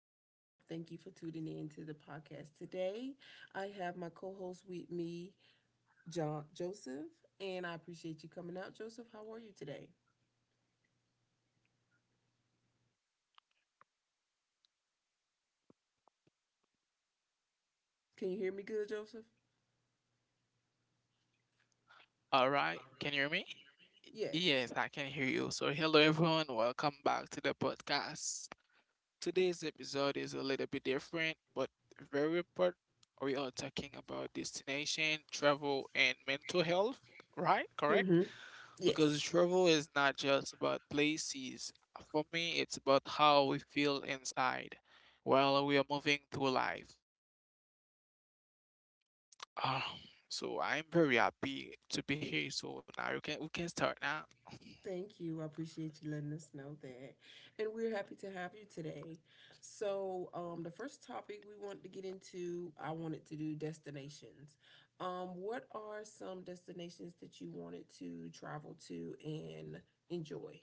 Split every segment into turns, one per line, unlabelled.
Makia, and I thank you for tuning in to the podcast today. I have my co-host with me, John Joseph, and I appreciate you coming out, Joseph. How are you today? Can you hear me good, Joseph?
All right, can you hear me?
Yes.
Yes, I can hear you. So, hello everyone, welcome back to the podcast. Today's episode is a little bit different, but very important. We are talking about destination, travel, and mental health, right? Correct?
Mm-hmm.
Because
Yes.
travel is not just about places. For me, it's about how we feel inside while we are moving through life. Um, so I'm very happy to be here. So now you can we can start now.
Thank you. I appreciate you letting us know that. And we're happy to have you today. So, the first topic we wanted to get into, I wanted to do destinations. What are some destinations that you wanted to travel to and enjoy?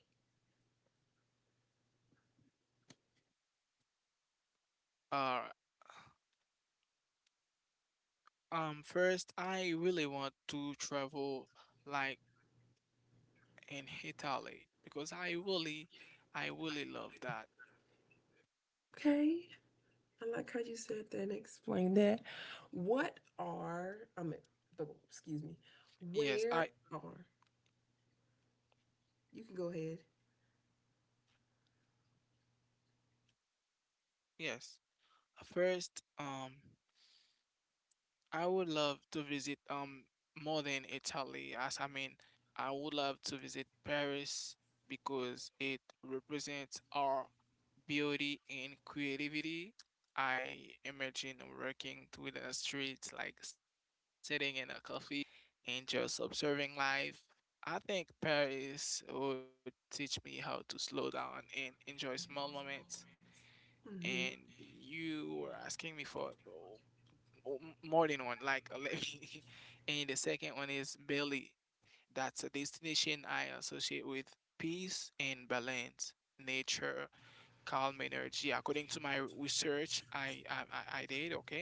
All first, I really want to travel like in Italy because I really love that.
Okay. I like how you said that and explained that. I mean, excuse me,
Yes, I,
where are, you can go ahead.
yes. First, I would love to visit more than Italy, as I mean, I would love to visit Paris because it represents our beauty and creativity. I imagine working through the streets, like sitting in a cafe and just observing life. I think Paris would teach me how to slow down and enjoy small moments. And
Mm-hmm.
you were asking me for more than one, like and the second one is Bali. That's a destination I associate with peace and balance, nature, calm energy. According to my research, I did okay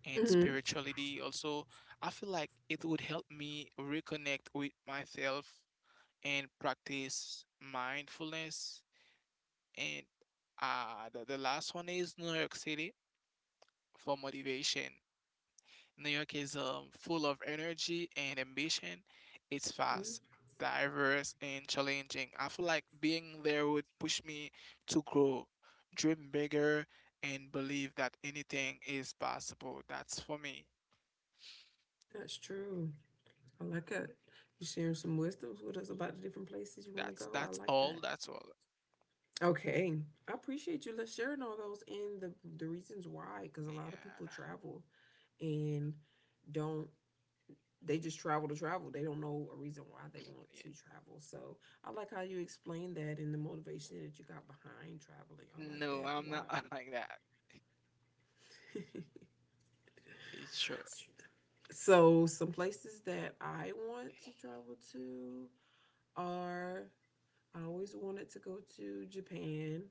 and
Mm-hmm.
spirituality. Also, I feel like it would help me reconnect with myself and practice mindfulness. And the last one is New York City for motivation. New York is full of energy and ambition. It's fast, diverse, and challenging. I feel like being there would push me to grow, dream bigger, and believe that anything is possible. That's for me.
That's true. I like it. You sharing some wisdoms with us about the different places you
That's
want to
that's
go. I
all.
like
That's
that.
all.
Okay, I appreciate you. Let's sharing all those and the reasons why, because a lot of
Yeah.
people travel and don't. They just travel to travel. They don't know a reason why they want
Yeah.
to travel. So I like how you explained that and the motivation that you got behind traveling. I like that
No,
a
I'm
lot.
not like that. Sure.
So some places that I want to travel to are I always wanted to go to Japan.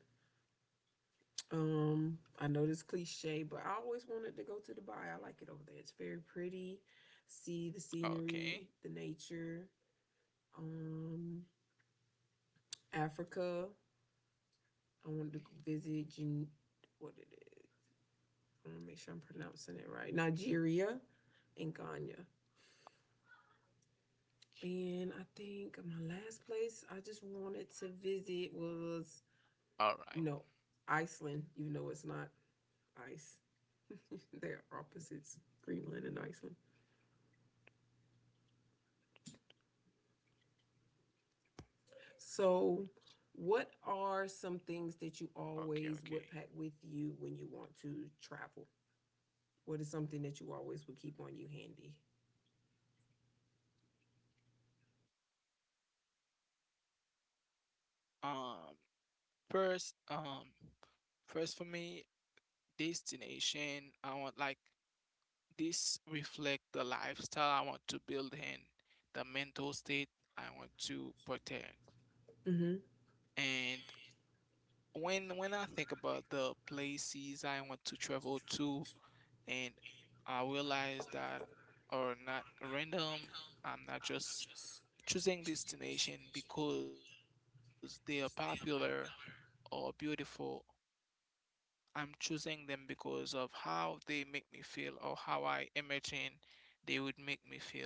I know this cliche, but I always wanted to go to Dubai. I like it over there. It's very pretty. See the
Okay.
scenery, the nature. Um, Africa. I wanted to visit what it is. I want to make sure I'm pronouncing it right. Nigeria and Ghana. And I think my last place I just wanted to visit was
All right.
you know Iceland, even though it's not ice. They're opposites, Greenland and Iceland. So, what are some things that you
Okay,
always
okay.
would pack with you when you want to travel? What is something that you always would keep on you handy?
Um, first, um, first for me, destination, I want like this reflect the lifestyle I want to build in, the mental state I want to protect.
Mm-hmm.
And when I think about the places I want to travel to, and I realized that are not random. I'm not just choosing destination because they are popular or beautiful. I'm choosing them because of how they make me feel or how I imagine they would make me feel.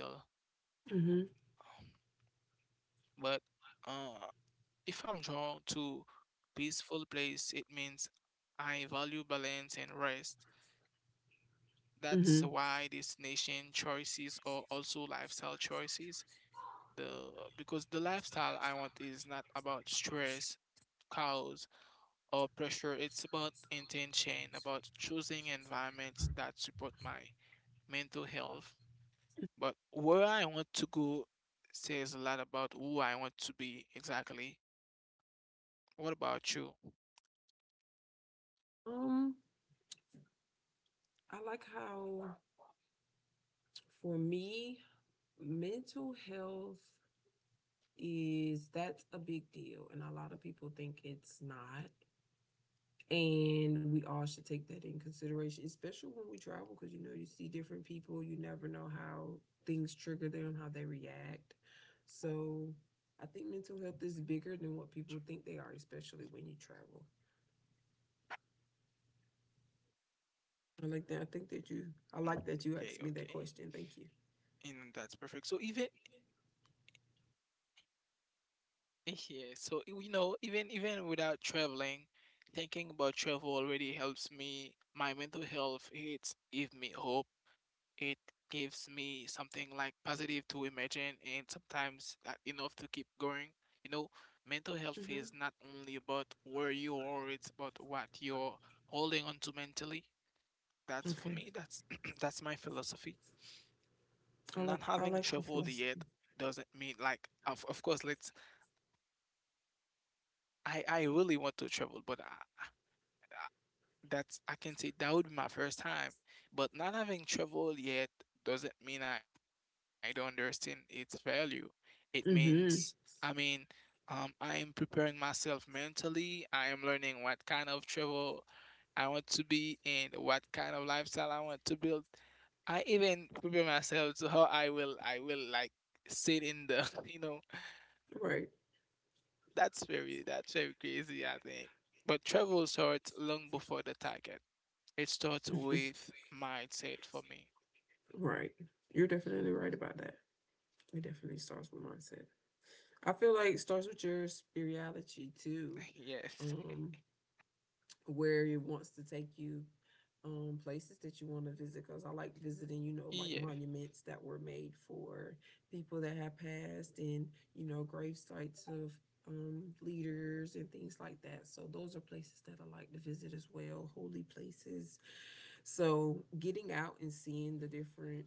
Mm-hmm.
But uh, if I'm drawn to peaceful place, it means I value balance and rest. That's why
Mm-hmm.
destination choices are also lifestyle choices the because the lifestyle I want is not about stress, cows, or pressure. It's about intention, about choosing environments that support my mental health. But where I want to go says a lot about who I want to be exactly. What about you?
Um, I like how for me, mental health is that's a big deal and a lot of people think it's not and we all should take that in consideration, especially when we travel, because you know you see different people. You never know how things trigger them, how they react. So I think mental health is bigger than what people think they are, especially when you travel. I like that. I think that you. I
Mm,
like that you
Okay,
asked me
okay.
that question. Thank you.
And that's perfect. So even yeah, so you know, even without traveling, thinking about travel already helps me. My mental health, it give me hope. It gives me something like positive to imagine, and sometimes that enough to keep going. You know, mental health
Mm-hmm.
is not only about where you are, it's about what you're holding on to mentally.
Okay.
That's for me, that's that's my philosophy.
I like. I
Not
like her
having traveled
philosophy.
yet doesn't mean like of course let's I really want to travel, but I that's I can say that would be my first time. But not having traveled yet doesn't mean I don't understand its value. It means
Mm-hmm.
I mean I am preparing myself mentally. I am learning what kind of travel I want to be and what kind of lifestyle I want to build. I even prepare myself to how I will like sit in the you know
Right.
that's very crazy I think. But travel starts long before the target. It starts with mindset for me.
Right. You're definitely right about that. It definitely starts with mindset. I feel like it starts with your spirituality
Yes.
too, um, where it wants to take you, places that you want to visit. Because I
Yes.
like visiting, you know, like monuments that were made for people that have passed, and you know, grave sites of leaders and things like that. So those are places that I like to visit as well, holy places. So getting out and seeing the different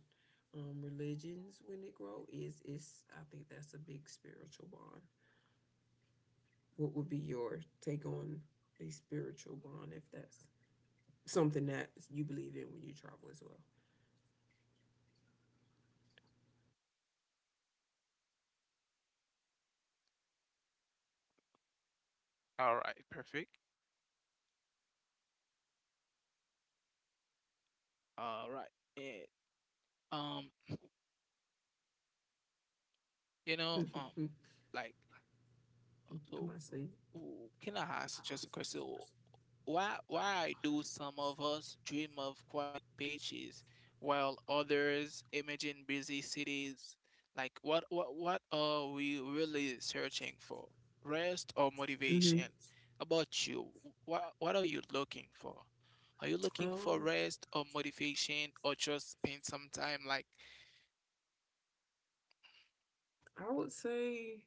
religions when it grow is I think that's a big spiritual bond. What would be your take on a spiritual bond if that's something that you believe in when you travel as well?
All right. Perfect. All right. And um, you know,
Mm-hmm.
like, so,
Am I saying?
ooh, can I ask just a question? Why do some of us dream of quiet beaches while others imagine busy cities? Like, what are we really searching for? Rest or
Hmm.
motivation? About you, what are you looking for? Are you looking for
Um,
rest or motivation or just spend some time like
I would say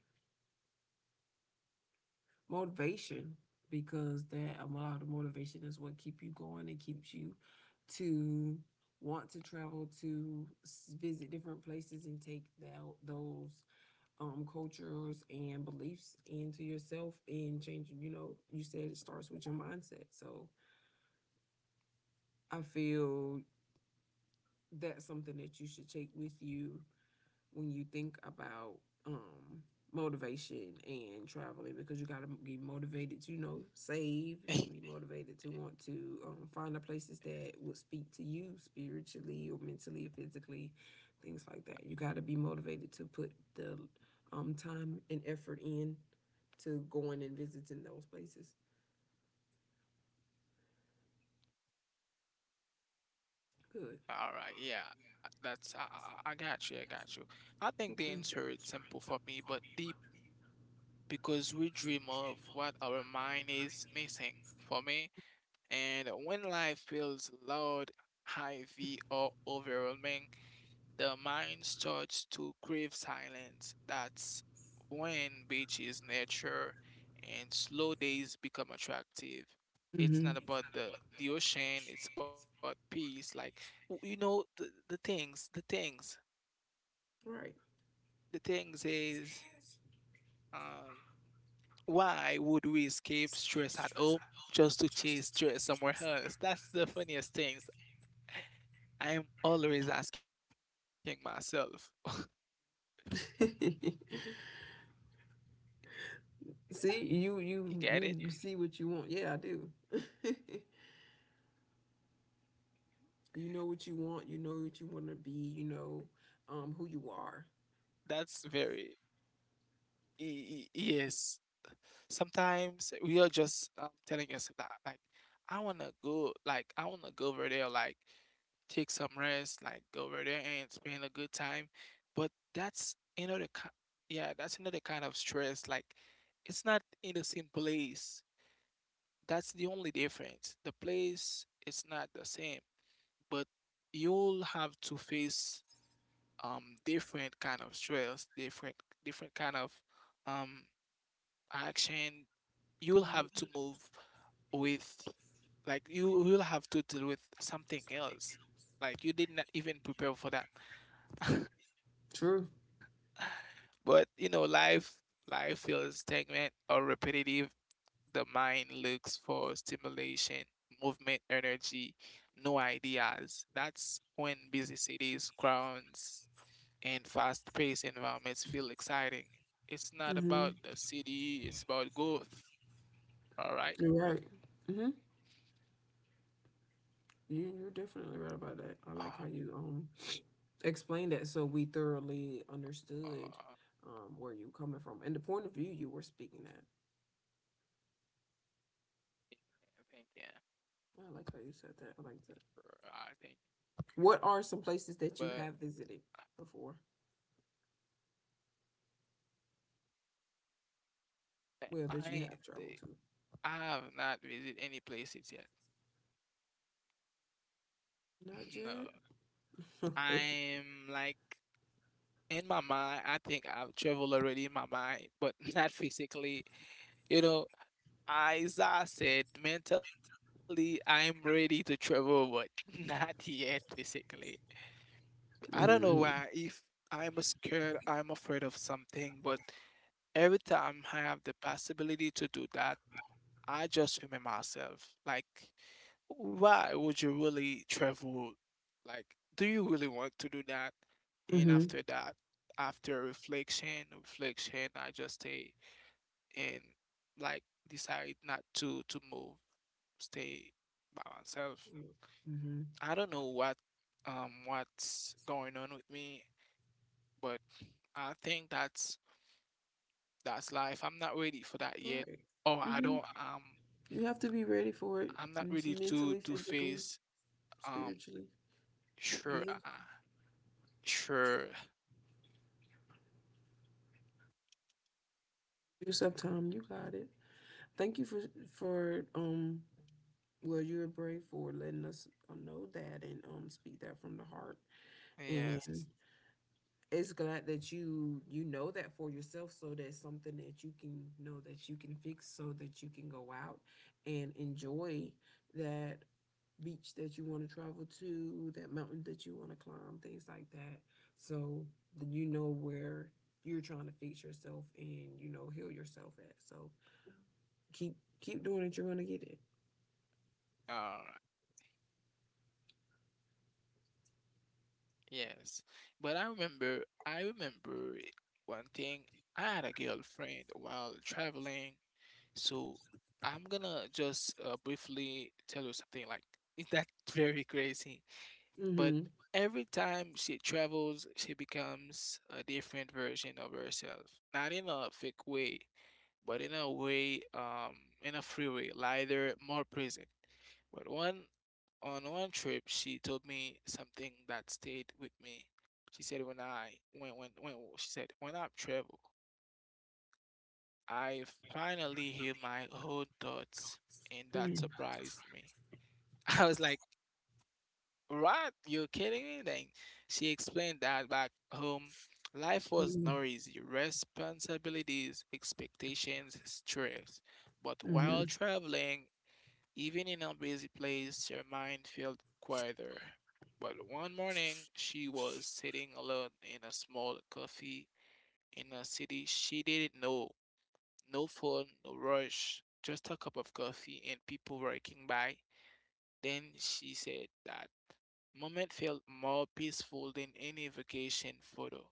motivation because that a lot of motivation is what keep you going and keeps you to want to travel to visit different places and take those cultures and beliefs into yourself and change. You know, you said it starts with your mindset, so I feel that's something that you should take with you when you think about um, motivation and traveling because you got to be motivated to, you know, save. You got to
Yes.
be motivated to want to find the places that will speak to you spiritually or mentally or physically, things like that. You got to be motivated to put the time and effort in to going and visiting those places. Good.
All right, yeah, I got you, I got you. I think the
Okay.
answer is simple for me, but deep because we dream of what our mind is missing for me. And when life feels loud, heavy, or overwhelming, the mind starts to crave silence. That's when beaches, nature, and slow days become attractive. It's
Hmm.
not about the ocean, it's about peace. Like, you know,
Right.
the things is. Um, Why would we escape stress at home just to chase stress somewhere else? That's the funniest thing. I am always asking myself.
See,
You
you
get it?
you you you see what you want. Yeah, I do. You know what you want. You know what you want to be. You know who you are.
That's very. Yes. Sometimes we are just telling us that like I wanna go like I wanna go over there like take some rest, like go over there and spend a good time. But that's another ki yeah, that's another kind of stress. Like it's not in the same place. That's the only difference. The place is not the same, but you'll have to face different kind of stress, different kind of um action, you'll have to move with like you will have to deal with something else. Like you did not even prepare for that.
True.
But you know, life feels stagnant or repetitive. The mind looks for stimulation, movement, energy, no ideas. That's when busy cities, crowds, and fast-paced environments feel exciting. It's not about the
Hmm.
city, it's about growth. All right.
You're right. Hmm. You you're definitely right about
Uh,
that. I like how you explained that so we thoroughly
I
understood where you coming from and the point of view you were speaking at.
think yeah,
I like how you said that. I like
sure.
that.
I think,
What are some places that
but
you have visited before? Well, that
I
you have
the-
traveled to.
I have not visited any places yet.
Not
No,
yet. Okay.
I'm like in my mind. I think I've traveled already in my mind, but not physically. You know, as I said, mentally I'm ready to travel, but not yet physically. I don't know why. If
Mm-hmm.
I'm scared, I'm afraid of something, but every time I have the possibility to do that. I just humor myself. Like, why would you really travel? Like, do you really want to do that? And after that, reflection, I just stay and like decide not to to move, stay by myself.
Mm-hmm.
I don't know what what's going on with me, but I think that's life. I'm not ready for that
All
yet.
right.
Or I
Mm-hmm.
don't
You have to be ready for it.
I'm not
It's
ready
mentally,
to
physically,
face. Um,
spiritually. Give
sure,
your- give
uh, sure,
yourself time. You got it. Thank you for for um. Well, you're brave for letting us know that and speak that from the heart. And
yes,
it's glad that you know that for yourself so that's something that you can know that you can fix so that you can go out and enjoy that beach that you want to travel to that mountain that you want to climb things like that so that you know where you're trying to fix yourself and you know heal yourself at so keep doing it you're going to get it.
uh, yes. I remember one thing. I had a girlfriend while traveling, so I'm gonna just briefly tell you something like is that very crazy. But
Mm-hmm.
every time she travels, she becomes a different version of herself. Not in a fake way, but in a way, in a free way, lighter, more present. But one on one trip, she told me something that stayed with me. She said, "When I when she said when I travel, I finally hear my own thoughts, and that surprised me." I was like, "What? You're kidding me?" Then she explained that back home, life was
Mm-hmm,
noisy, responsibilities, expectations, stress. But
mm-hmm.
while traveling, even in a busy place, her mind felt quieter. But one morning, she was sitting alone in a small coffee in a city she didn't know. No phone, no rush, just a cup of coffee and people working by. Then she said that moment felt more peaceful than any vacation photo.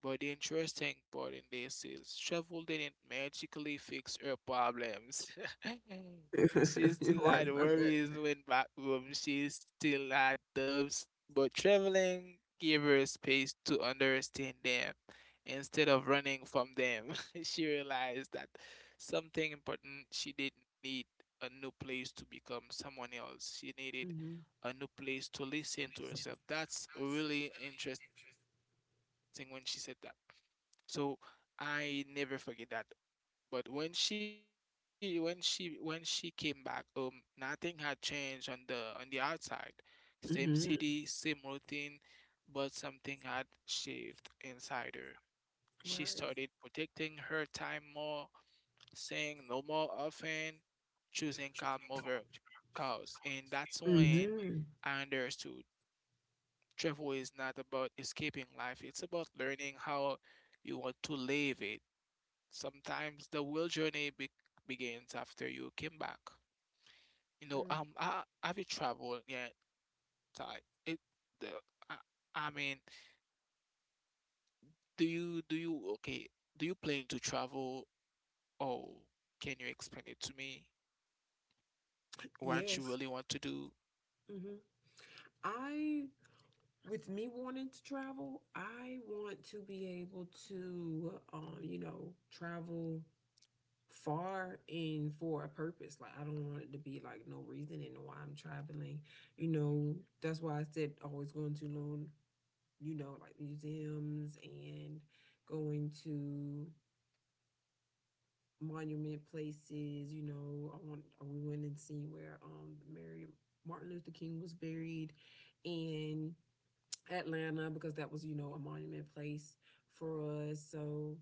But the interesting part in this is travel didn't magically fix her problems. She
You're
still
right
had
about that.
worries when back home. She still had doubts, but traveling gave her space to understand them instead of running from them. She realized that something important she didn't need a new place to become someone else. She needed a new place to listen to herself.
Mm-hmm.
That's really interesting when she said that. So I never forget that. But when she came back, nothing had changed on the outside. Same city, same
Mm-hmm.
routine, but something had shifted inside her. She started
Right.
protecting her time more, saying no more often, choosing calm over chaos. And that's when
Mm-hmm.
I understood travel is not about escaping life, it's about learning how you want to live it. Sometimes the real journey begins after you came back. You know,
Mm.
have you traveled yet? Ty? It, the, I, I mean, do you okay? Do you plan to travel? Or can you explain it to me?
Yes.
What you really want to do?
Hmm. I, with me wanting to travel, I want to be able to, you know, travel far and for a purpose. Like, I don't want it to be like no reason and why I'm traveling. You know, that's why I said always going to learn, you know, like museums and going to monument places. You know, I want we went and seen where Mary Martin Luther King was buried in Atlanta because that was you know a monument place for us. So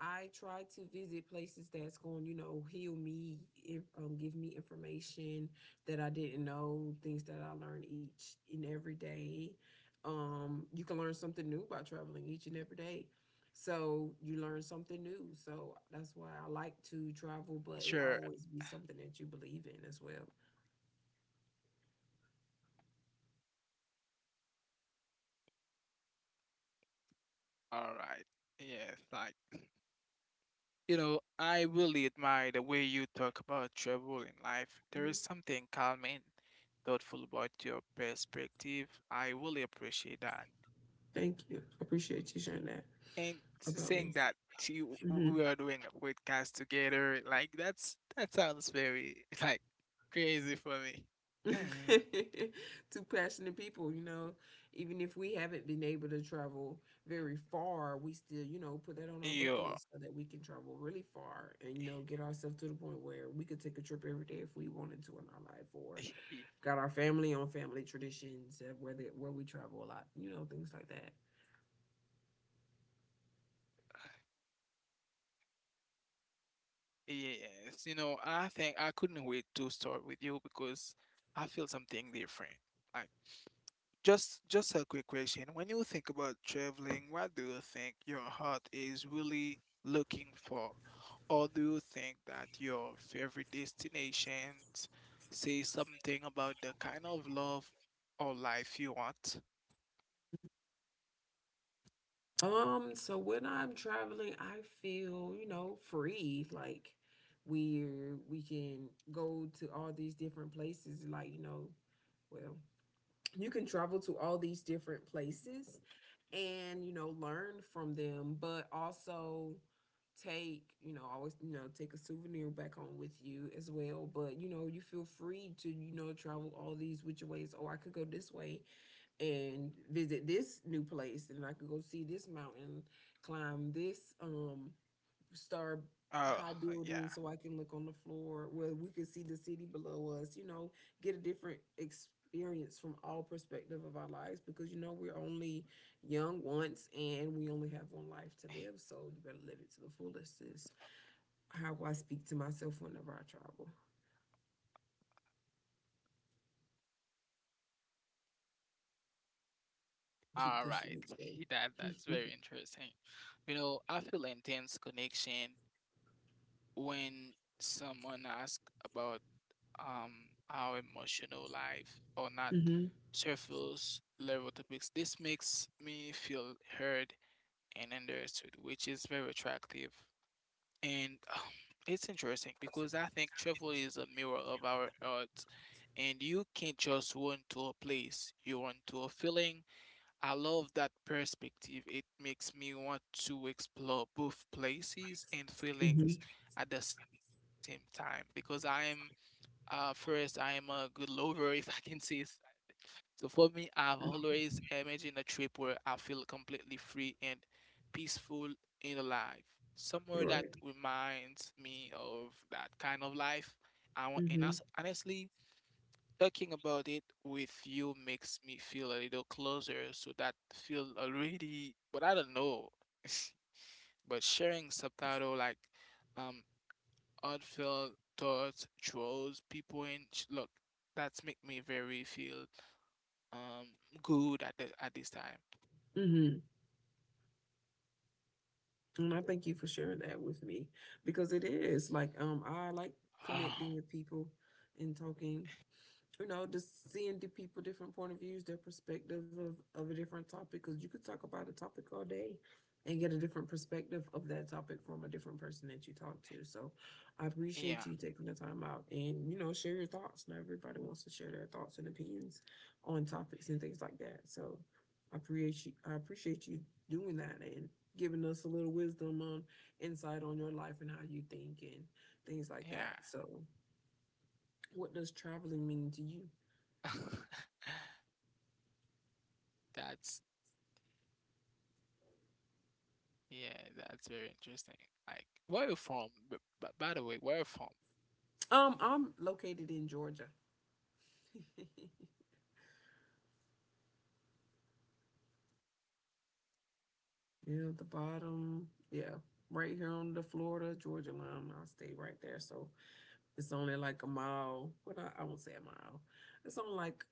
I try to visit places that's going, you know, heal me, if, give me information that I didn't know, things that I learn each and every day. You can learn something new by traveling each and every day. So you learn something new. So that's why I like to travel, but it always
Sure.
be something that you believe in as well.
All right. Yes. Like you know, I really admire the way you talk about travel in life. There is
Mhm.
something calm and thoughtful about your perspective. I really appreciate that.
Thank you. I appreciate you sharing that
And
about
saying
me.
that to you,
Mhm.
we are doing a podcast together, like that sounds very like crazy for me.
Two passionate people, you know. Even if we haven't been able to travel very far, we still, you know, put that on our bucket list so
Yeah.
that we can travel really far and, you know, get ourselves to the point where we could take a trip every day if we wanted to in our life or got our family on family traditions where, they, where we travel a lot, you know, things like that.
Yes, you know, I think I couldn't wait to start with you because I feel something different. Like. Just a quick question. When you think about traveling, what do you think your heart is really looking for? Or do you think that your favorite destinations say something about the kind of love or life you want?
So when I'm traveling, I feel, you know, free. Like we can go to all these different places, like, you know, well, you can travel to all these different places and, you know, learn from them, but also take, you know, always, you know, take a souvenir back home with you as well. But, you know, you feel free to, you know, travel all these which ways. Oh, I could go this way and visit this new place and I could go see this mountain, climb this
Oh,
star
yeah.
high building so I can look on the floor where we could see the city below us, you know, get a different experience from all perspective of our lives because you know we're only young once and we only have one life to live, so you better live it to the fullest is how I speak to myself whenever I travel.
All
Keep
right.
pushing each day.
That's very interesting. You know, I feel intense connection when someone asks about um our emotional life or not
Mm-hmm.
surface level topics. This makes me feel heard and understood, which is very attractive. And it's interesting because I think travel is a mirror of our hearts, and you can't just run to a place, you run to a feeling. I love that perspective. It makes me want to explore both places and
Mm-hmm.
feelings at the same time because I am first, I am a good lover, if I can say so. For me, I've always imagined a trip where I feel completely free and peaceful in life, somewhere that
Right.
reminds me of that kind of life. I want, and
Mm-hmm.
as, honestly, talking about it with you makes me feel a little closer. So that feel already, but I don't know. But sharing subtitle like, um, heartfelt thoughts throws people in look, that's make me very feel um good at the at this time.
Mm-hmm. And I thank you for sharing that with me because it is like I like connecting with people and talking you know, just seeing the people, different point of views, their perspective of a different topic. Because you could talk about a topic all day and get a different perspective of that topic from a different person that you talk to. So I
Yeah,
appreciate you taking the time out and, you know, share your thoughts. Now everybody wants to share their thoughts and opinions on topics and things like that. So I appreciate you doing that and giving us a little wisdom on insight on your life and how you think and things like that.
yeah.
So what does traveling mean to you?
that's yeah, that's very interesting. Like, where you from, by the way, where you from?
I'm located in Georgia. Yeah, the bottom. Yeah, right here on the Florida Georgia line. I stay right there, so it's only like a mile. I won't say a mile. It's only like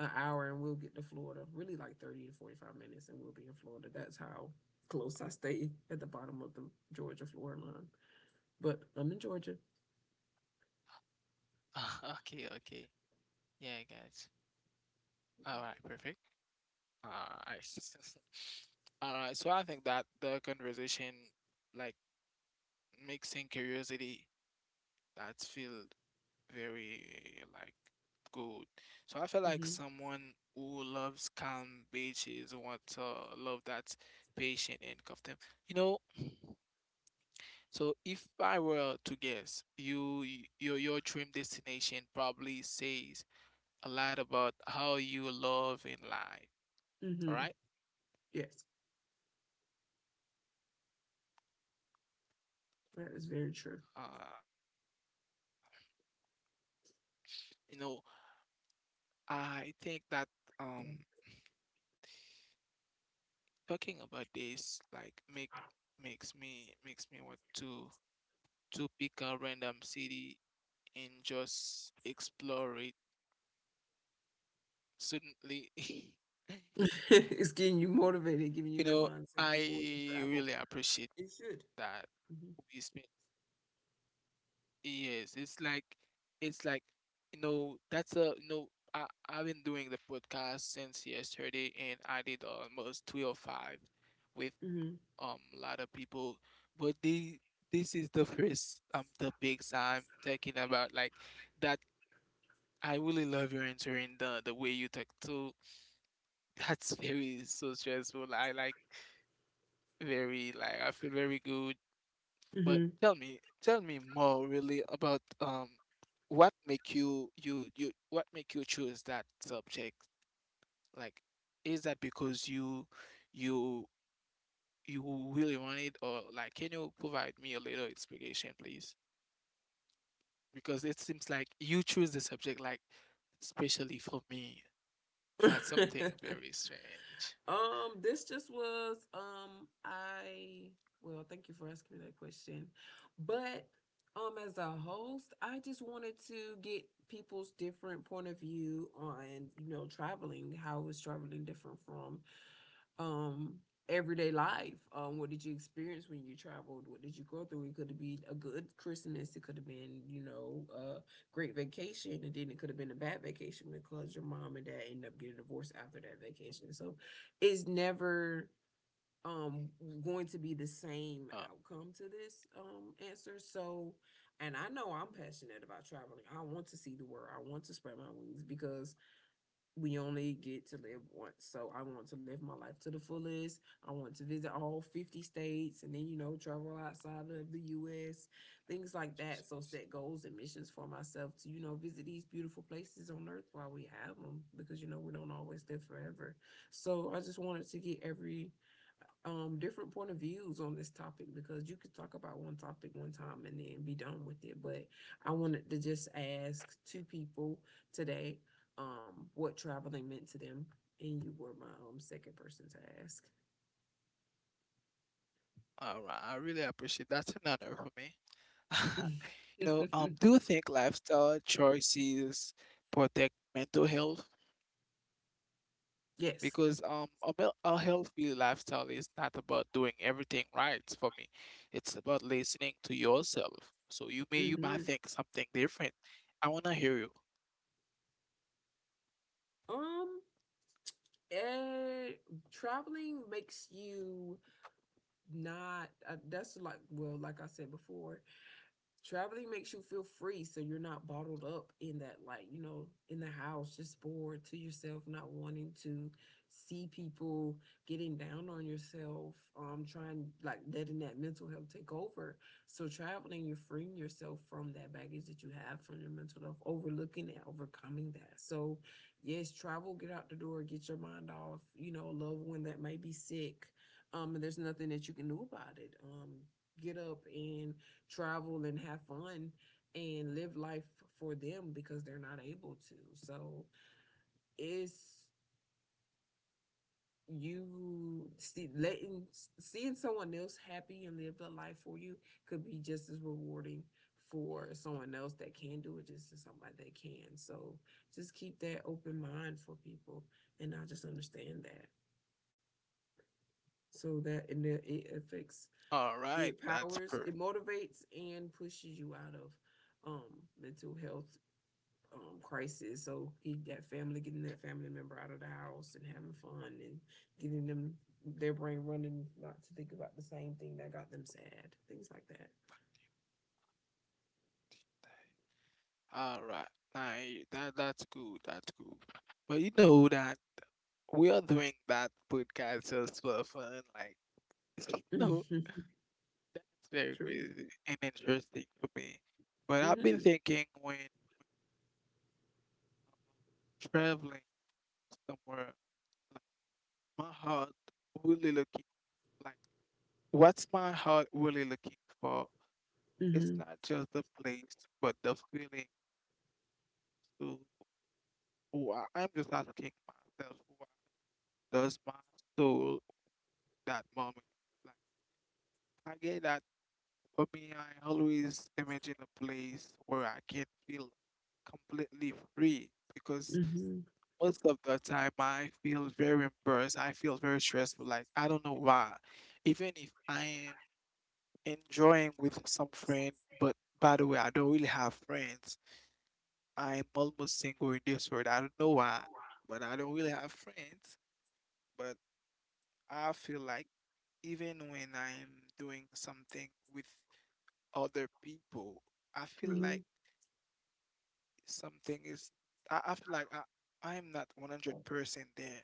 an hour, and we'll get to Florida. Really, like 30 to 45 minutes, and we'll be in Florida. That's how close I stay at the bottom of the Georgia Florida line. But I'm in Georgia.
Okay, okay. Yeah, guys, all right, perfect. All right. All right, so I think that the conversation, like, mixing curiosity, that's feel very, like, good. So I feel like
Hmm.
someone who loves calm beaches want to love that patient and custom. You know, so if I were to guess, you your dream destination probably says a lot about how you love in life. All right.
Hmm. Yes, that is very true.
Uh, you know, I think that um talking about this like make makes me want to pick a random city and just explore it suddenly.
It's getting you
You
motivated, giving
know,
you that
I
mindset to want to
really
travel.
appreciate
It should.
that we spent years. It's like you know, that's a, you know, I've been doing the podcast since yesterday and I did almost three or five with
Mhm.
a lot of people, but they, this is the first topics I'm talking about, like that. I really love your answering, the way you talk to. That's very so stressful. I like very, like, I feel very good.
Mhm.
But
Mhm.
tell me more really about what make you you what make you choose that subject? Like, is that because you you really want it? Or, like, can you provide me a little explanation please? Because it seems like you choose the subject like especially for me. That's something very strange.
This just was I well, thank you for asking me that question. But as a host, I just wanted to get people's different point of view on, you know, traveling, how is traveling different from um everyday life. What did you experience when you traveled? What did you go through? It could have been a good Christmas. It could have been, you know, a great vacation. And then it could have been a bad vacation because your mom and dad ended up getting divorced after that vacation. So it's never um going
Uh,
to be the same outcome to this answer. So and I know I'm passionate about traveling. I want to see the world. I want to spread my wings because we only get to live once. So I want to live my life to the fullest. I want to visit all 50 states and then, you know, travel outside of the US, things like that. So set goals and missions for myself to, you know, visit these beautiful places on earth while we have them because, you know, we don't always live forever. So I just wanted to get every different point of views on this topic because you could talk about one topic one time and then be done with it, but I wanted to just ask two people today what traveling meant to them, and you were my second person to ask.
All right, I really appreciate, that's an honor for me. You know, do you think lifestyle choices protect mental health?
Yes.
Because a healthy lifestyle is not about doing everything right for me. It's about listening to yourself. So you might
Hmm.
think something different. I wanna hear you.
um eh, Traveling makes you not that's like, well, like I said before, traveling makes you feel free, so you're not bottled up in that, like, you know, in the house, just bored to yourself, not wanting to see people, getting down on yourself, trying, like letting that mental health take over. So traveling, you're freeing yourself from that baggage that you have from your mental health, overlooking that, overcoming that. So yes, travel, get out the door, get your mind off, you know, a loved one that may be sick, and there's nothing that you can do about it. Get up and travel and have fun and live life for them because they're not able to. So it's, you see, letting, seeing someone else happy and live a life for you could be just as rewarding for someone else that can do it just as somebody that can. So just keep that open mind for people, and I just understand that. So that, and that it affects,
All right,
it
that's perfect.
powers, it motivates and pushes you out of um mental health crisis. So he got family, getting that family member out of the house and having fun and getting them, their brain running, not to think about the same thing that got them sad, things like that.
All right, that's good. That's good. But you know that we are doing that podcast just for fun. Like, you know,
Mhm.
it's very
True.
crazy and interesting for me. But I've been
Mm-hmm.
thinking when, traveling somewhere, like, my heart really looking, like, what's my heart really looking for? It's
Mm-hmm.
not just the place, but the feeling. So, why I'm just asking myself, why does my soul that moment? Like, I get that. For me, I always imagine a place where I can feel completely free, because
Mm-hmm.
most of the time I feel very embarrassed. I feel very stressful. Like, I don't know why. Even if I am enjoying with some friend, but by the way, I don't really have friends. I'm almost single in this world. I don't know why, but I don't really have friends. But I feel like, even when I'm doing something with other people, I feel
Mm-hmm.
like something is. I feel like I'm not 100% there.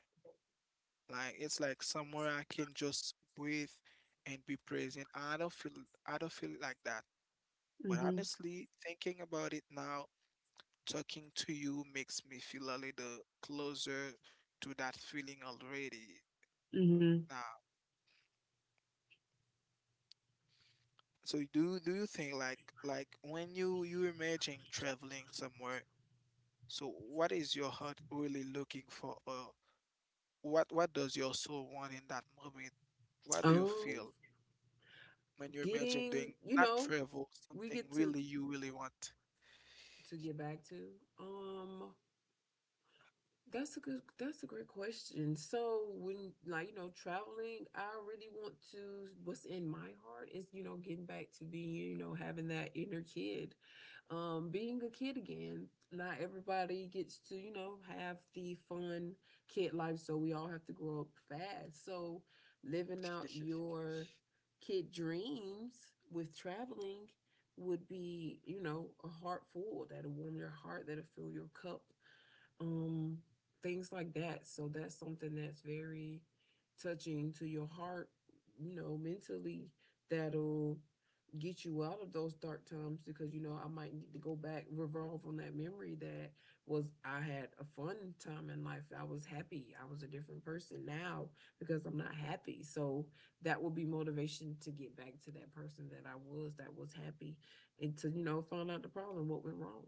Like, it's like somewhere I can just breathe and be present. I don't feel. I don't feel like that. But
Mm-hmm.
honestly, thinking about it now, talking to you makes me feel a little closer to that feeling already. Uh,
Mm-hmm.
Now, so do you think, like, when you imagine traveling somewhere, so what is your heart really looking for? Or what does your soul want in that moment? What do you
Um,
feel when you imagine
getting,
doing
you
not
know,
travel,
we
something
get to
really you really want?
to get back to um that's a good, that's a great question. So when, like, you know, traveling, I really want to, what's in my heart is, you know, getting back to being, you know, having that inner kid, being a kid again. Not everybody gets to, you know, have the fun kid life. So we all have to grow up fast. So living out your kid dreams with traveling would be, you know, a heart full that'll warm your heart, that'll fill your cup, um, things like that. So that's something that's very touching to your heart, you know, mentally, that'll get you out of those dark times because, you know, I might need to go back, revolve on that memory that was, I had a fun time in life. I was happy. I was a different person now because I'm not happy. So that will be motivation to get back to that person that I was, that was happy, and to, you know, find out the problem, what went wrong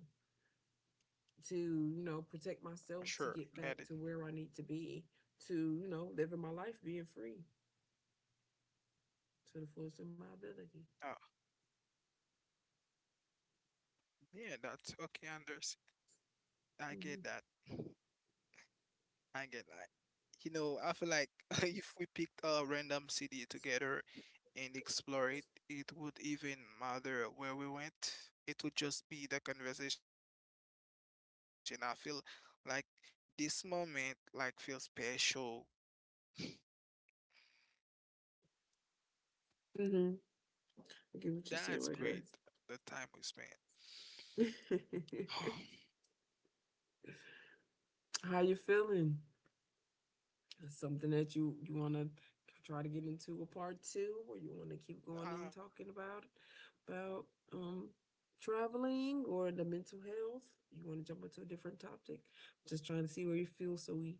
to, you know, protect
Sure,
myself,
get it.
to get back to where I need to be, to you know, living my life, being free
Oh,
to the fullest of my ability.
yeah, that's okay, Anders. I get that.
Mm-hmm.
I get that. You know, I feel like, if we picked a random city together and explore it, it would even matter where we went. It would just be the conversation. I feel like this moment like feels special. That's great.
Mm-hmm.
The time we spent.
I get what you said right there. How you feeling? Something that you want to try to get into
Um,
a part two, or you want to keep going and talking about about um traveling or the mental health? You want to jump into a different topic? Just trying to see where you feel so we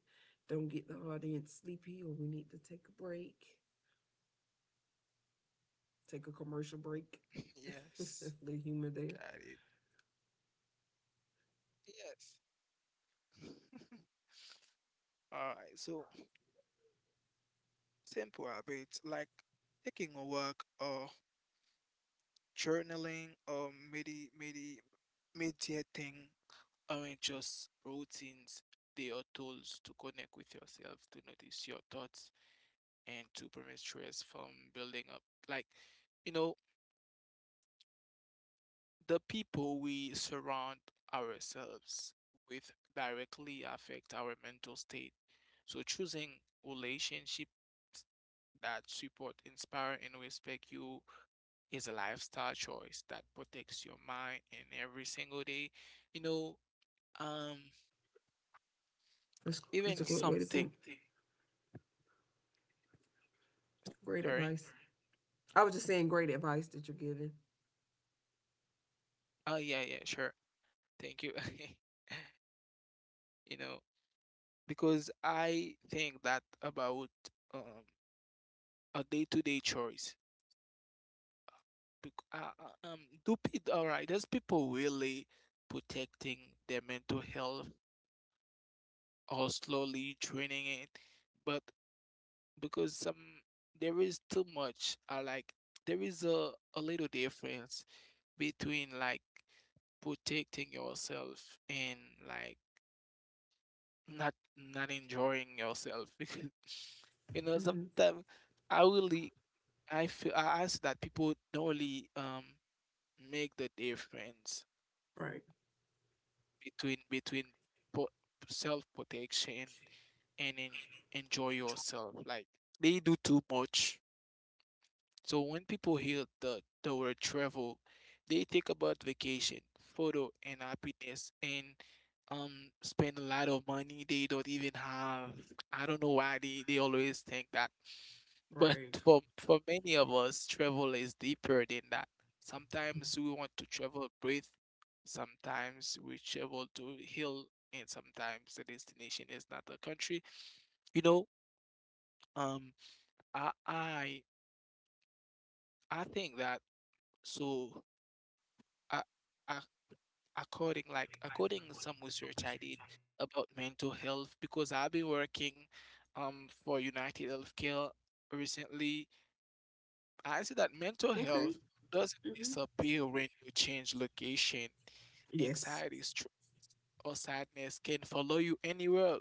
don't get the audience sleepy, or we need to take a break, take a commercial
yes,
break.
got it.
The humor there.
Yes. All right, so simple habits like taking a walk or journaling or media thing aren't just routines, they are tools to connect with yourself, to notice your thoughts, and to prevent stress from building up. Like, you know, the people we surround ourselves with directly affect our mental state. So choosing relationships that support, inspire, and respect you is a lifestyle choice that protects your mind and every single day. You know, Um,
That's a great way to
even
think.
something,
Great advice.
sorry.
I was just saying great advice that you're giving.
Oh, yeah, yeah, sure. Thank you. You know, because I think that about um a day-to-day choice. Bec do people, all right, does people really protecting their mental health or slowly draining it? But because some, there is too much, I like there is a little difference between like protecting yourself and like not enjoying yourself, because you know
Hmm.
sometimes I really I feel I ask that people don't really make the difference
Right.
between po self protection and en enjoy yourself, like, they do too much. So when people hear the word travel, they think about vacation, photo, and happiness, and spend a lot of money they don't even have. I don't know why they always think that. But
Right.
for many of us, travel is deeper than that. Sometimes we want to travel breathe, sometimes we travel to heal, and sometimes the destination is not the country. You know, um I I I think that, so I I, according like according to some research I did about mental health, because I've been working for United Healthcare recently. I see that mental
Okay.
health doesn't
Hmm.
disappear when you change location.
Yes.
Anxiety, str or sadness can follow you anywhere.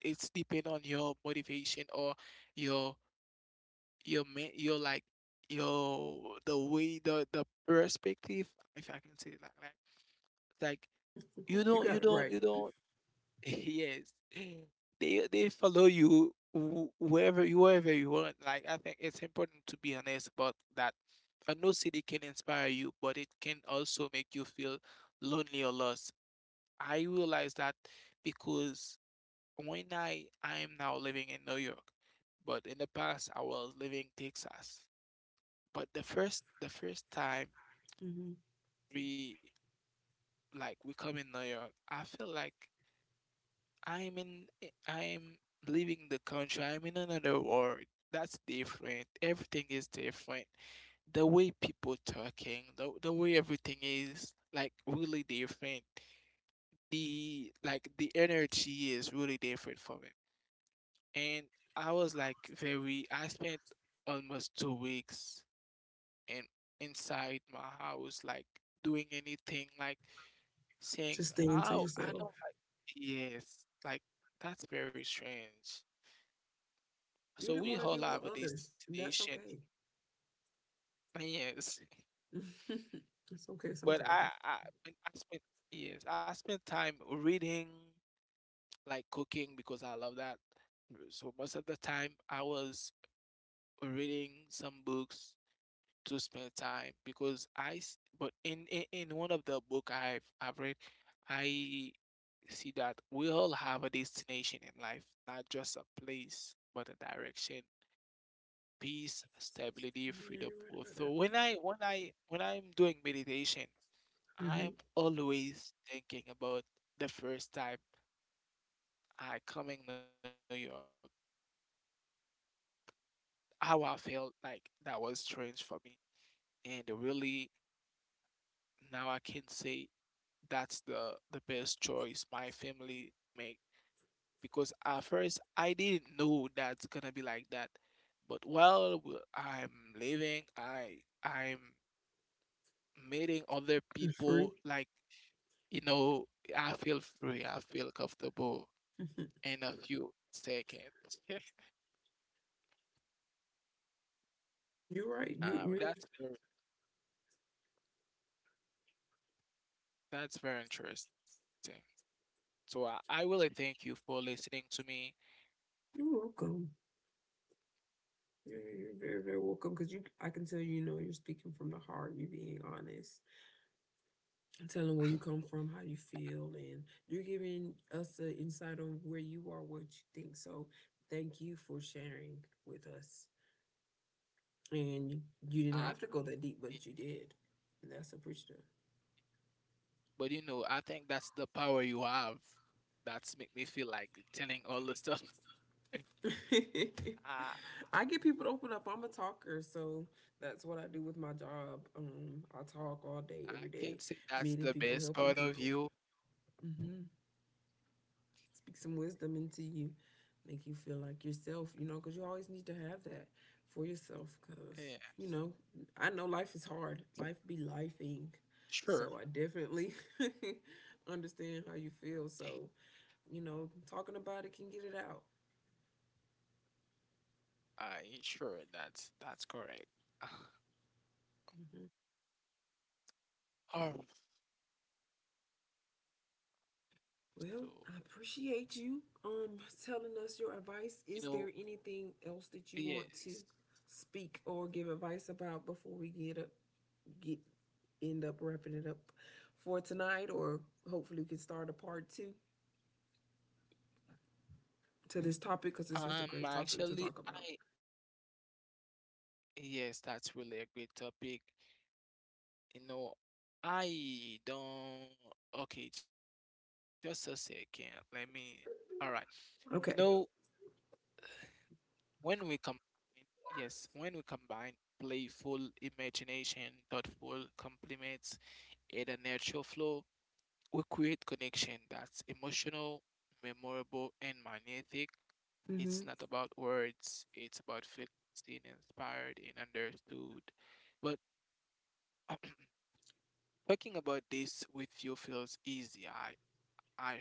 It's depend on your motivation or your your, like, your, the way the perspective, if I can say it like that. Like,
You got it right.
you don't. Yes. They follow you, wherever you, wherever you want. Like, I think it's important to be honest about that. A new city can inspire you, but it can also make you feel lonely or lost. I realize that, because when I am now living in New York, but in the past I was living Texas. But the first time
Hmm.
we like we come in New York, I feel like I'm in, am leaving the country. I'm in another world. That's different. Everything is different. The way people talking, the way everything is, like, really different. The Like, the energy is really different from it. And I was like very. I spent almost 2 weeks in inside my house, like doing anything, like
Just
saying,
staying to
"Oh, I
yourself.
don't like." Yes, like, that's very strange.
You didn't
So
want to
we
deal
all
with
have a
others. And That's
destination.
okay.
Yes.
It's okay
But
sometimes.
when I spent, yes, I spent time reading, like cooking because I love that. So most of the time I was reading some books to spend time, because but in one of the book I've read, I see that we all have a destination in life, not just a place, but a direction: peace, stability,
Yeah,
freedom,
you're right
growth.
about
So
that.
when I'm doing meditation,
Mm hmm
I'm always thinking about the first time I come in New York, how I felt like that was strange for me. And really now I can say that's the best choice my family make, because at first I didn't know that's gonna be like that. But I'm living, I'm meeting other
It's free.
people, like, you know, I feel free, I feel comfortable
Mm-hmm.
in a few seconds.
You're right. You.
Uh, that's very, that's very interesting. So I really thank you for listening to me.
You're welcome. You're very very welcome because you, I can tell, you know you're speaking from the heart. You're being honest. I'm telling where you come from, how you feel, and you're giving us an insight on where you are, what you think. So thank you for sharing with us. And you didn't have
Uh,
to go that deep, but you did. And that's appreciative.
but you know, I think that's the power you have. That's make me feel like telling all the stuff. I
I get people to open up. I'm a talker, so that's what I do with my job. I talk all day,
I
every
can
day,
say that's
meeting
the
people,
best
helping
part of
people.
you.
Hmm. Speak some wisdom into you, make you feel like yourself, you know, because you always need to have that for yourself. Because, you
Yeah,
know, I know life is hard, life be lifing. So I
sure.
definitely understand how you feel. So, you know, talking about it can get it out.
I sure that's correct.
Mm-hmm.
Oh,
Well, I
so
appreciate you telling us your advice. Is
you
there
know,
anything else that you want to
yes.
speak or give advice about before we get up, get end up wrapping it up for tonight, or hopefully we can start a part 2 to this topic because this was a great topic to talk about.
Actually, I yes, that's really a great topic. You know, I don't. Okay, just a second. Let me. All right. You
Okay.
know, when we combine, yes, when we combine playful imagination, thoughtful compliments, and a natural flow. We create connection that's emotional, memorable, and magnetic.
Mhm.
It's not about words, it's about feeling seen, inspired, and understood. But talking about this with you feels easy, I,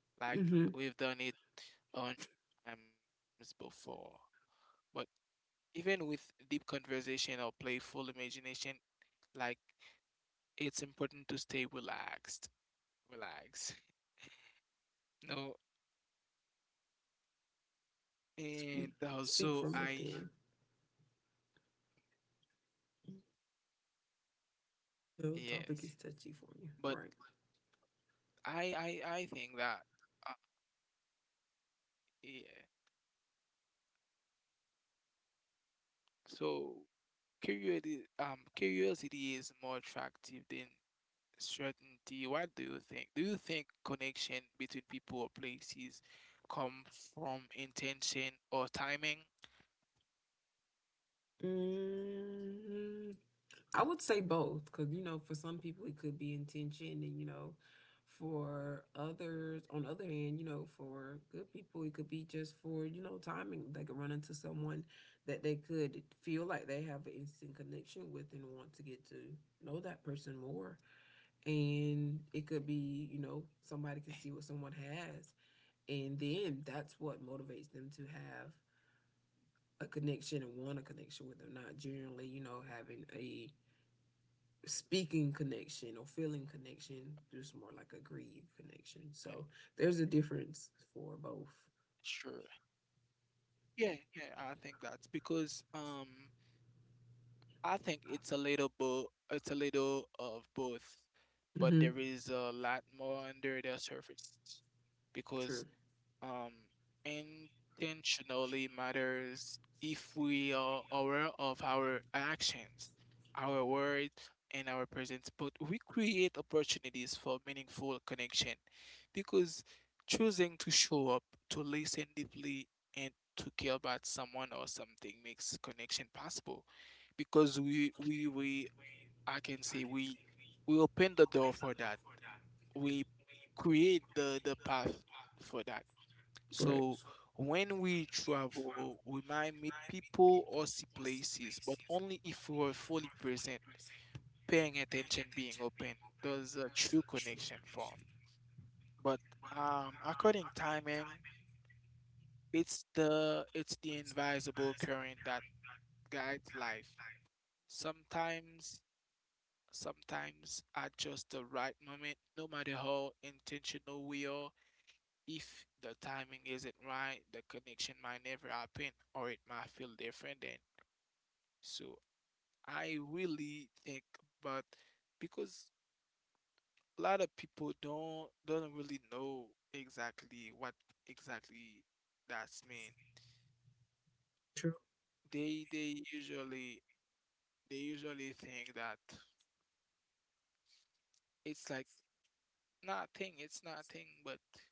I swear.
Mhm.
Like we've done it a hundred times before. But even with deep conversation or playful imagination, like, it's important to stay relaxed. Relax. No.
Speak Speak
And
from within.
also, I
The
yes,
topic is touchy for you,
but
right?
I I think that uh, yeah. So curiosity is more attractive than certainty. What do you think? Do you think connection between people or places come from intention or timing?
Mm-hmm. I would say both, because you know, for some people it could be intention, and you know, for others, on the other hand, you know, for good people it could be just for, you know, timing. They could run into someone that they could feel like they have an instant connection with and want to get to know that person more, and it could be, you know, somebody can see what someone has, and then that's what motivates them to have a connection and want a connection with them, not generally, you know, having a speaking connection or feeling connection, just more like a greed connection. So there's a difference for both.
Sure. Yeah, yeah, I think that's because I think it's a little bo it's a little of both, but there
Mm-hmm.
is a lot more under the surface because
True.
um, intentionally matters if we are aware of our actions, our words, and our presence. But we create opportunities for meaningful connection because choosing to show up, to listen deeply, and to care about someone or something makes connection possible because I can say we open the door for that. We create the path for that.
Right.
So when we travel, we might meet people or see places, but only if we are fully present, paying attention, being open. Does a true connection form? But according timing, it's the invisible current that guides life. Sometimes, sometimes, at just the right moment, no matter how intentional we are, if the timing isn't right, the connection might never happen, or it might feel different then. So I really think about, because a lot of people don't really know exactly what exactly that's mean.
True.
They they usually they usually think that it's like nothing, it's nothing, but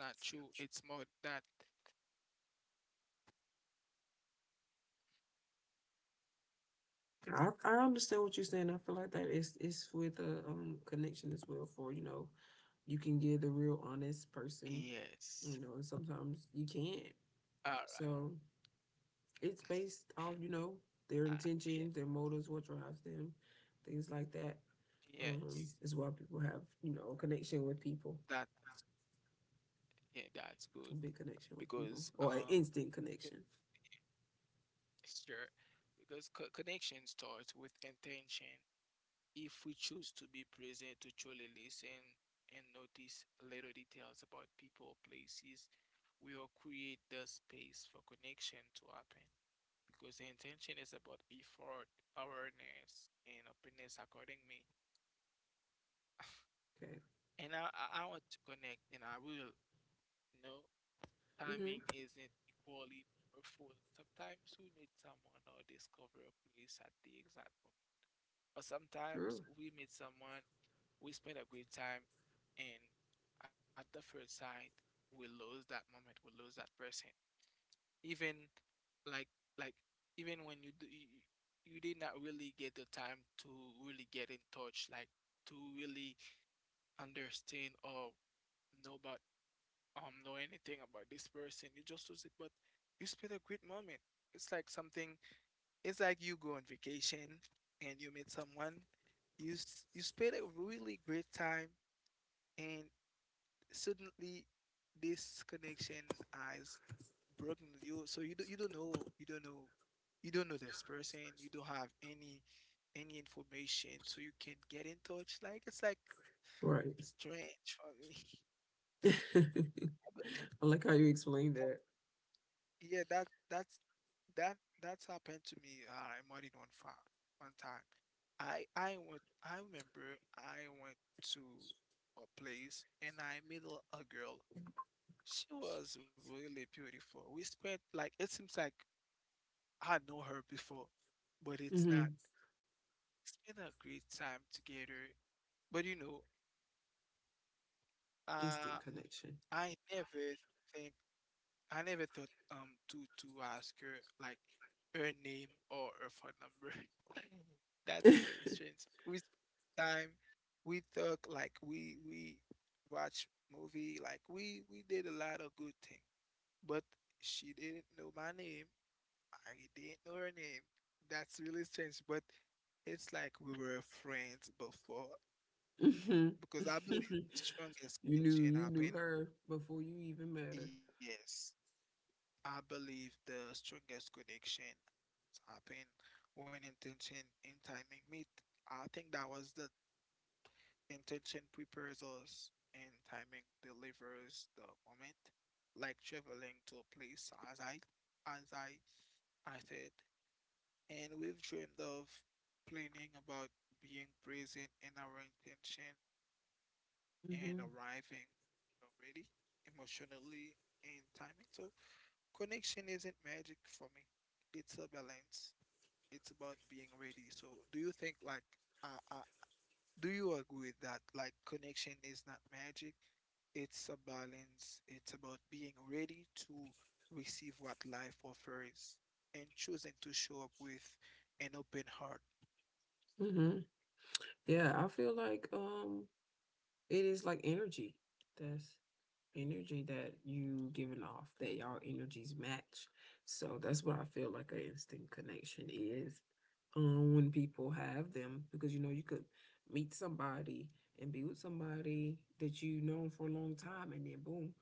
it's not true. It's more that.
I understand what you're saying. I feel like that is, it's with a, connection as well, for, you know, you can get the real honest person, you
Yes.
know, and sometimes you can't.
All right.
So it's based off, you know, their
Uh, yeah,
intentions, their motives, what drives them, things like that,
yes.
is why people have, you know, a connection with people,
That Yeah, that's
a big
good
connection with people
because
or an instant connection.
it- sure, because connection starts with intention. If we choose to be present, to truly listen and notice little details about people or places, we will create the space for connection to happen because intention is about effort, awareness, and openness, according me.
Okay.
And I want to connect, and I will, you know.
Mm-hmm.
Timing isn't equally powerful. Sometimes we meet someone or discover a place at the exact moment. But
True.
sometimes we meet someone, we spend a great time, and at the first sight, we lose that moment, we lose that person. Even like like even when you do, you did not really get the time to really get in touch, like, to really understand or know about know anything about this person. You just lose it, but you spend a great moment. It's like something. It's like you go on vacation and you meet someone. You spend a really great time, and suddenly this connection has broken with you. So you do you don't know you don't know you don't know this person. You don't have any information, so you can get in touch. Like, it's like
Right.
strange for me.
I like how you explained that.
Yeah, that's happened to me in more than one time. I remember I went to a place and I met a girl. She was really beautiful. We spent, like, it seems like I know her before,
Mm-hmm.
but it's not. Spent a great time together. But
Instant connection.
uh, I never think I never thought to ask her, like, her name or her phone number. That's very strange. We spend time, we talk, like, we watch movie, like, we did a lot of good things. But she didn't know my name. I didn't know her name. That's really strange. But it's like we were friends before
Mm-hmm.
because I believe
You
the
knew, you
strongest
knew her
connection
before
happened.
you even met her.
Yes, I believe the strongest connection happen when intention and timing meet. I think that was the intention prepares us and timing delivers the moment, like traveling to a place as I as I I said. And we've dreamed of planning about being present in our intention
Hmm.
and arriving already emotionally in timing. So connection isn't magic for me. It's a balance. It's about being ready. So, do you think, like, uh, uh do you agree with that? Like, connection is not magic. It's a balance. It's about being ready to receive what life offers and choosing to show up with an open heart.
Hmm. Yeah, I feel like it is like energy. That's energy that you giving off, that y'all energies match. So that's what I feel like an instant connection is, when people have them, because, you know, you could meet somebody and be with somebody that you've known for a long time, and then boom,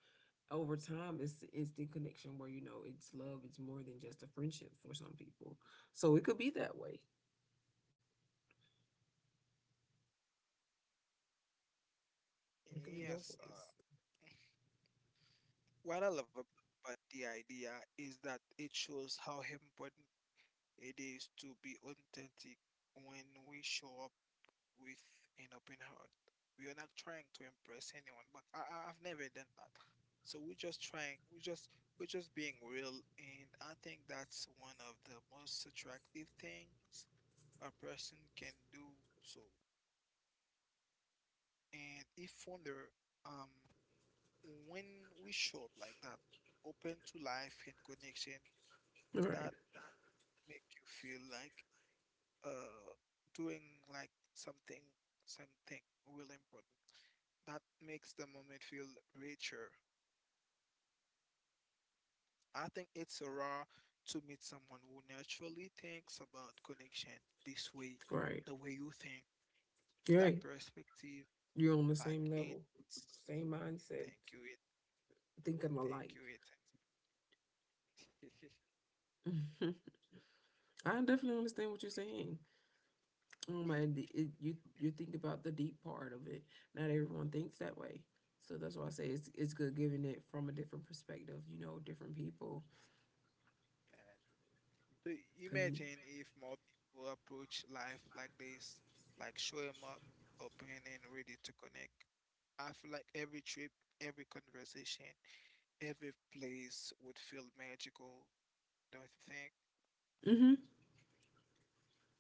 over time, it's the instant connection where, you know, it's love, it's more than just a friendship for some people. So it could be that way,
All
it could
right.
be both
Yes.
ways.
What I love about the idea is that it shows how important it is to be authentic when we show up with an open heart. We are not trying to impress anyone, but I've never done that. So we're just trying, we're just being real, and I think that's one of the most attractive things a person can do. So, and if wonder, um, when we show up like that, open to life and connection,
Right.
that make you feel like uh doing like something really important, that makes the moment feel richer. I think it's rare to meet someone who naturally thinks about connection
Right.
this way, the way you think,
Right.
that
You're on the same
perspective,
level,
like
same
it.
mindset,
thank you, it,
thinking alike.
thank you, it.
I definitely understand what you're saying. Oh my, the- it, you think about the deep part of it. Not everyone thinks that way, so that's why I say it's good giving it from a different perspective. You know, different people,
Yeah.
because you,
So imagine if more people approach life like this, like showing up, open and ready to connect. I feel like every trip, every conversation, every place would feel magical, don't
hmm,
you think?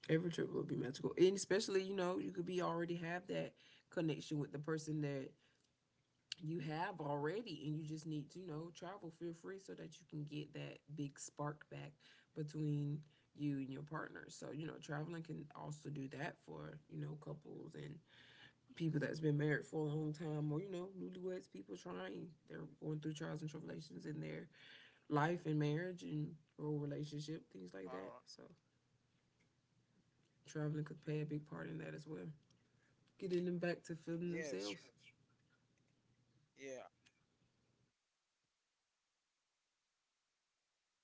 every trip will be magical, and especially, you know, you could be, already have that connection with the person that you have already, and you just need to, you know, travel, feel free, so that you can get that big spark back between you and your partner. So, you know, traveling can also do that for, you know, couples and people that's been married for a long time or, you know, newlyweds, people trying, they're going through trials and tribulations in their life and marriage and or relationship, things like that.
Uh,
So traveling could play a big part in that as well, getting
yeah,
them back to
sure.
feeling themselves.
Yeah, sure. You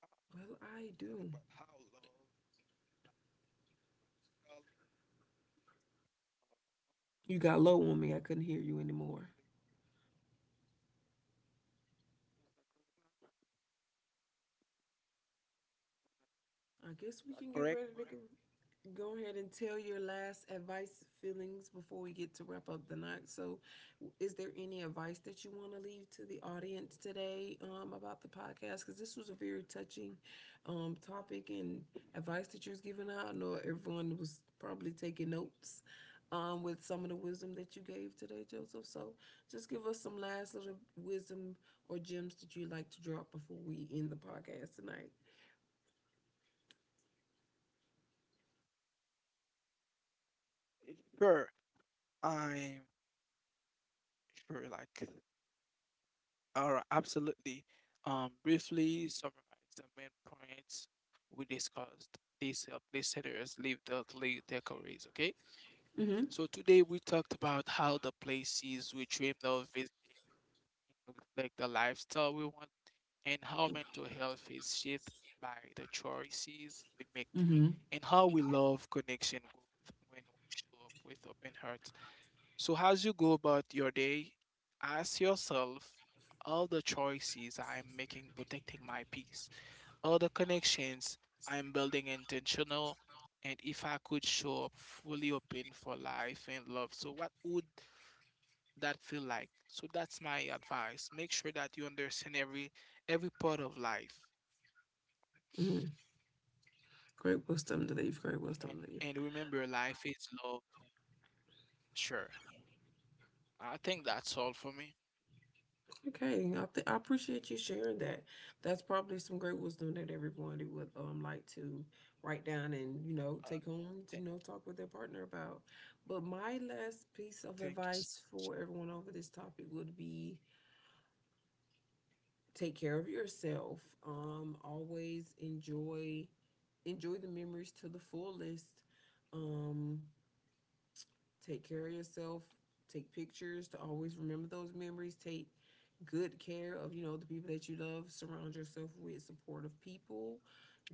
I
Well I do.
thought about how love, like, all the
You got low on me, I couldn't hear you anymore.
things-
I guess we can get ready to
is that correct now?
go ahead and tell your last advice, feelings before we get to wrap up the night. So, is there any advice that you want to leave to the audience today, about the podcast? Because this was a very touching, topic and advice that you was giving out. I know everyone was probably taking notes with some of the wisdom that you gave today, Joseph. So, just give us some last little wisdom or gems that you'd like to drop before we end the podcast tonight.
Is that correct? Sure, I'm sure. Like, alright, absolutely. Briefly summarize the main points we discussed. These help listeners live the lead their careers. Okay,
Mm-hmm.
so today we talked about how the places we dream of visiting reflect the lifestyle we want, and how mental health is shaped by the choices we make,
Mm-hmm.
and how we love connection growth when we show up with open heart. So, as you go about your day, ask yourself, all the choices I am making protecting my peace, all the connections I am building intentional, and if I could show up fully open for life and love. So, what would that feel like? So, that's my advice. Make sure that you understand every part of life,
Mm-hmm. Great wisdom to leave. Great wisdom to leave.
and, remember, life is love. Sure, I think that's all for me.
Okay, I appreciate you sharing that. That's probably some great wisdom that everybody would like to write down and, you know, take
Uh,
home. You know,
th-
talk with their partner about. But my last piece of
thank
advice
you.
for everyone over this topic would be take care of yourself. Always enjoy the memories to the fullest. Um, Take care of yourself. Take pictures to always remember those memories. Take good care of, you know, the people that you love. Surround yourself with supportive people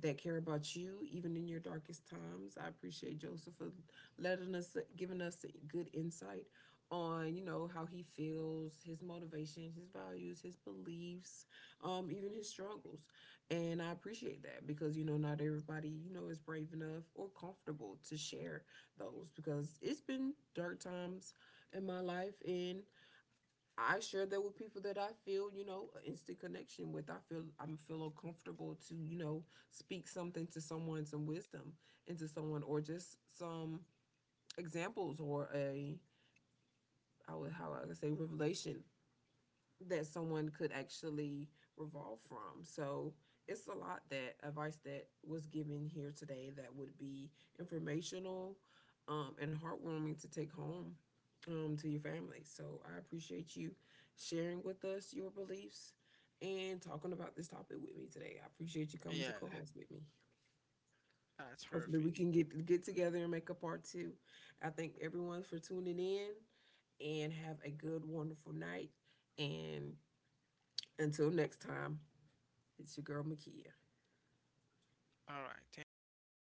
that care about you, even in your darkest times. I appreciate Joseph for letting us, giving us good insight on, you know, how he feels, his motivation, his values, his beliefs, even his struggles. And I appreciate that because, you know, not everybody, you know, is brave enough or comfortable to share those because it's been dark times in my life, and I share that with people that I feel, you know, instant connection with. I feel I'm, feel comfortable to, you know, speak something to someone, some wisdom into someone, or just some examples, or a, I would, how I would say, revelation that someone could actually revolve from. So it's a lot that advice that was given here today that would be informational and heartwarming to take home, to your family. So I appreciate you sharing with us your beliefs and talking about this topic with me today. I appreciate you coming to co-host with me.
Yeah,
Hopefully we
that's
can
perfect.
get together and make a part two. I thank everyone for tuning in and have a good, wonderful night. And until next time, it's your girl Makia.
All right.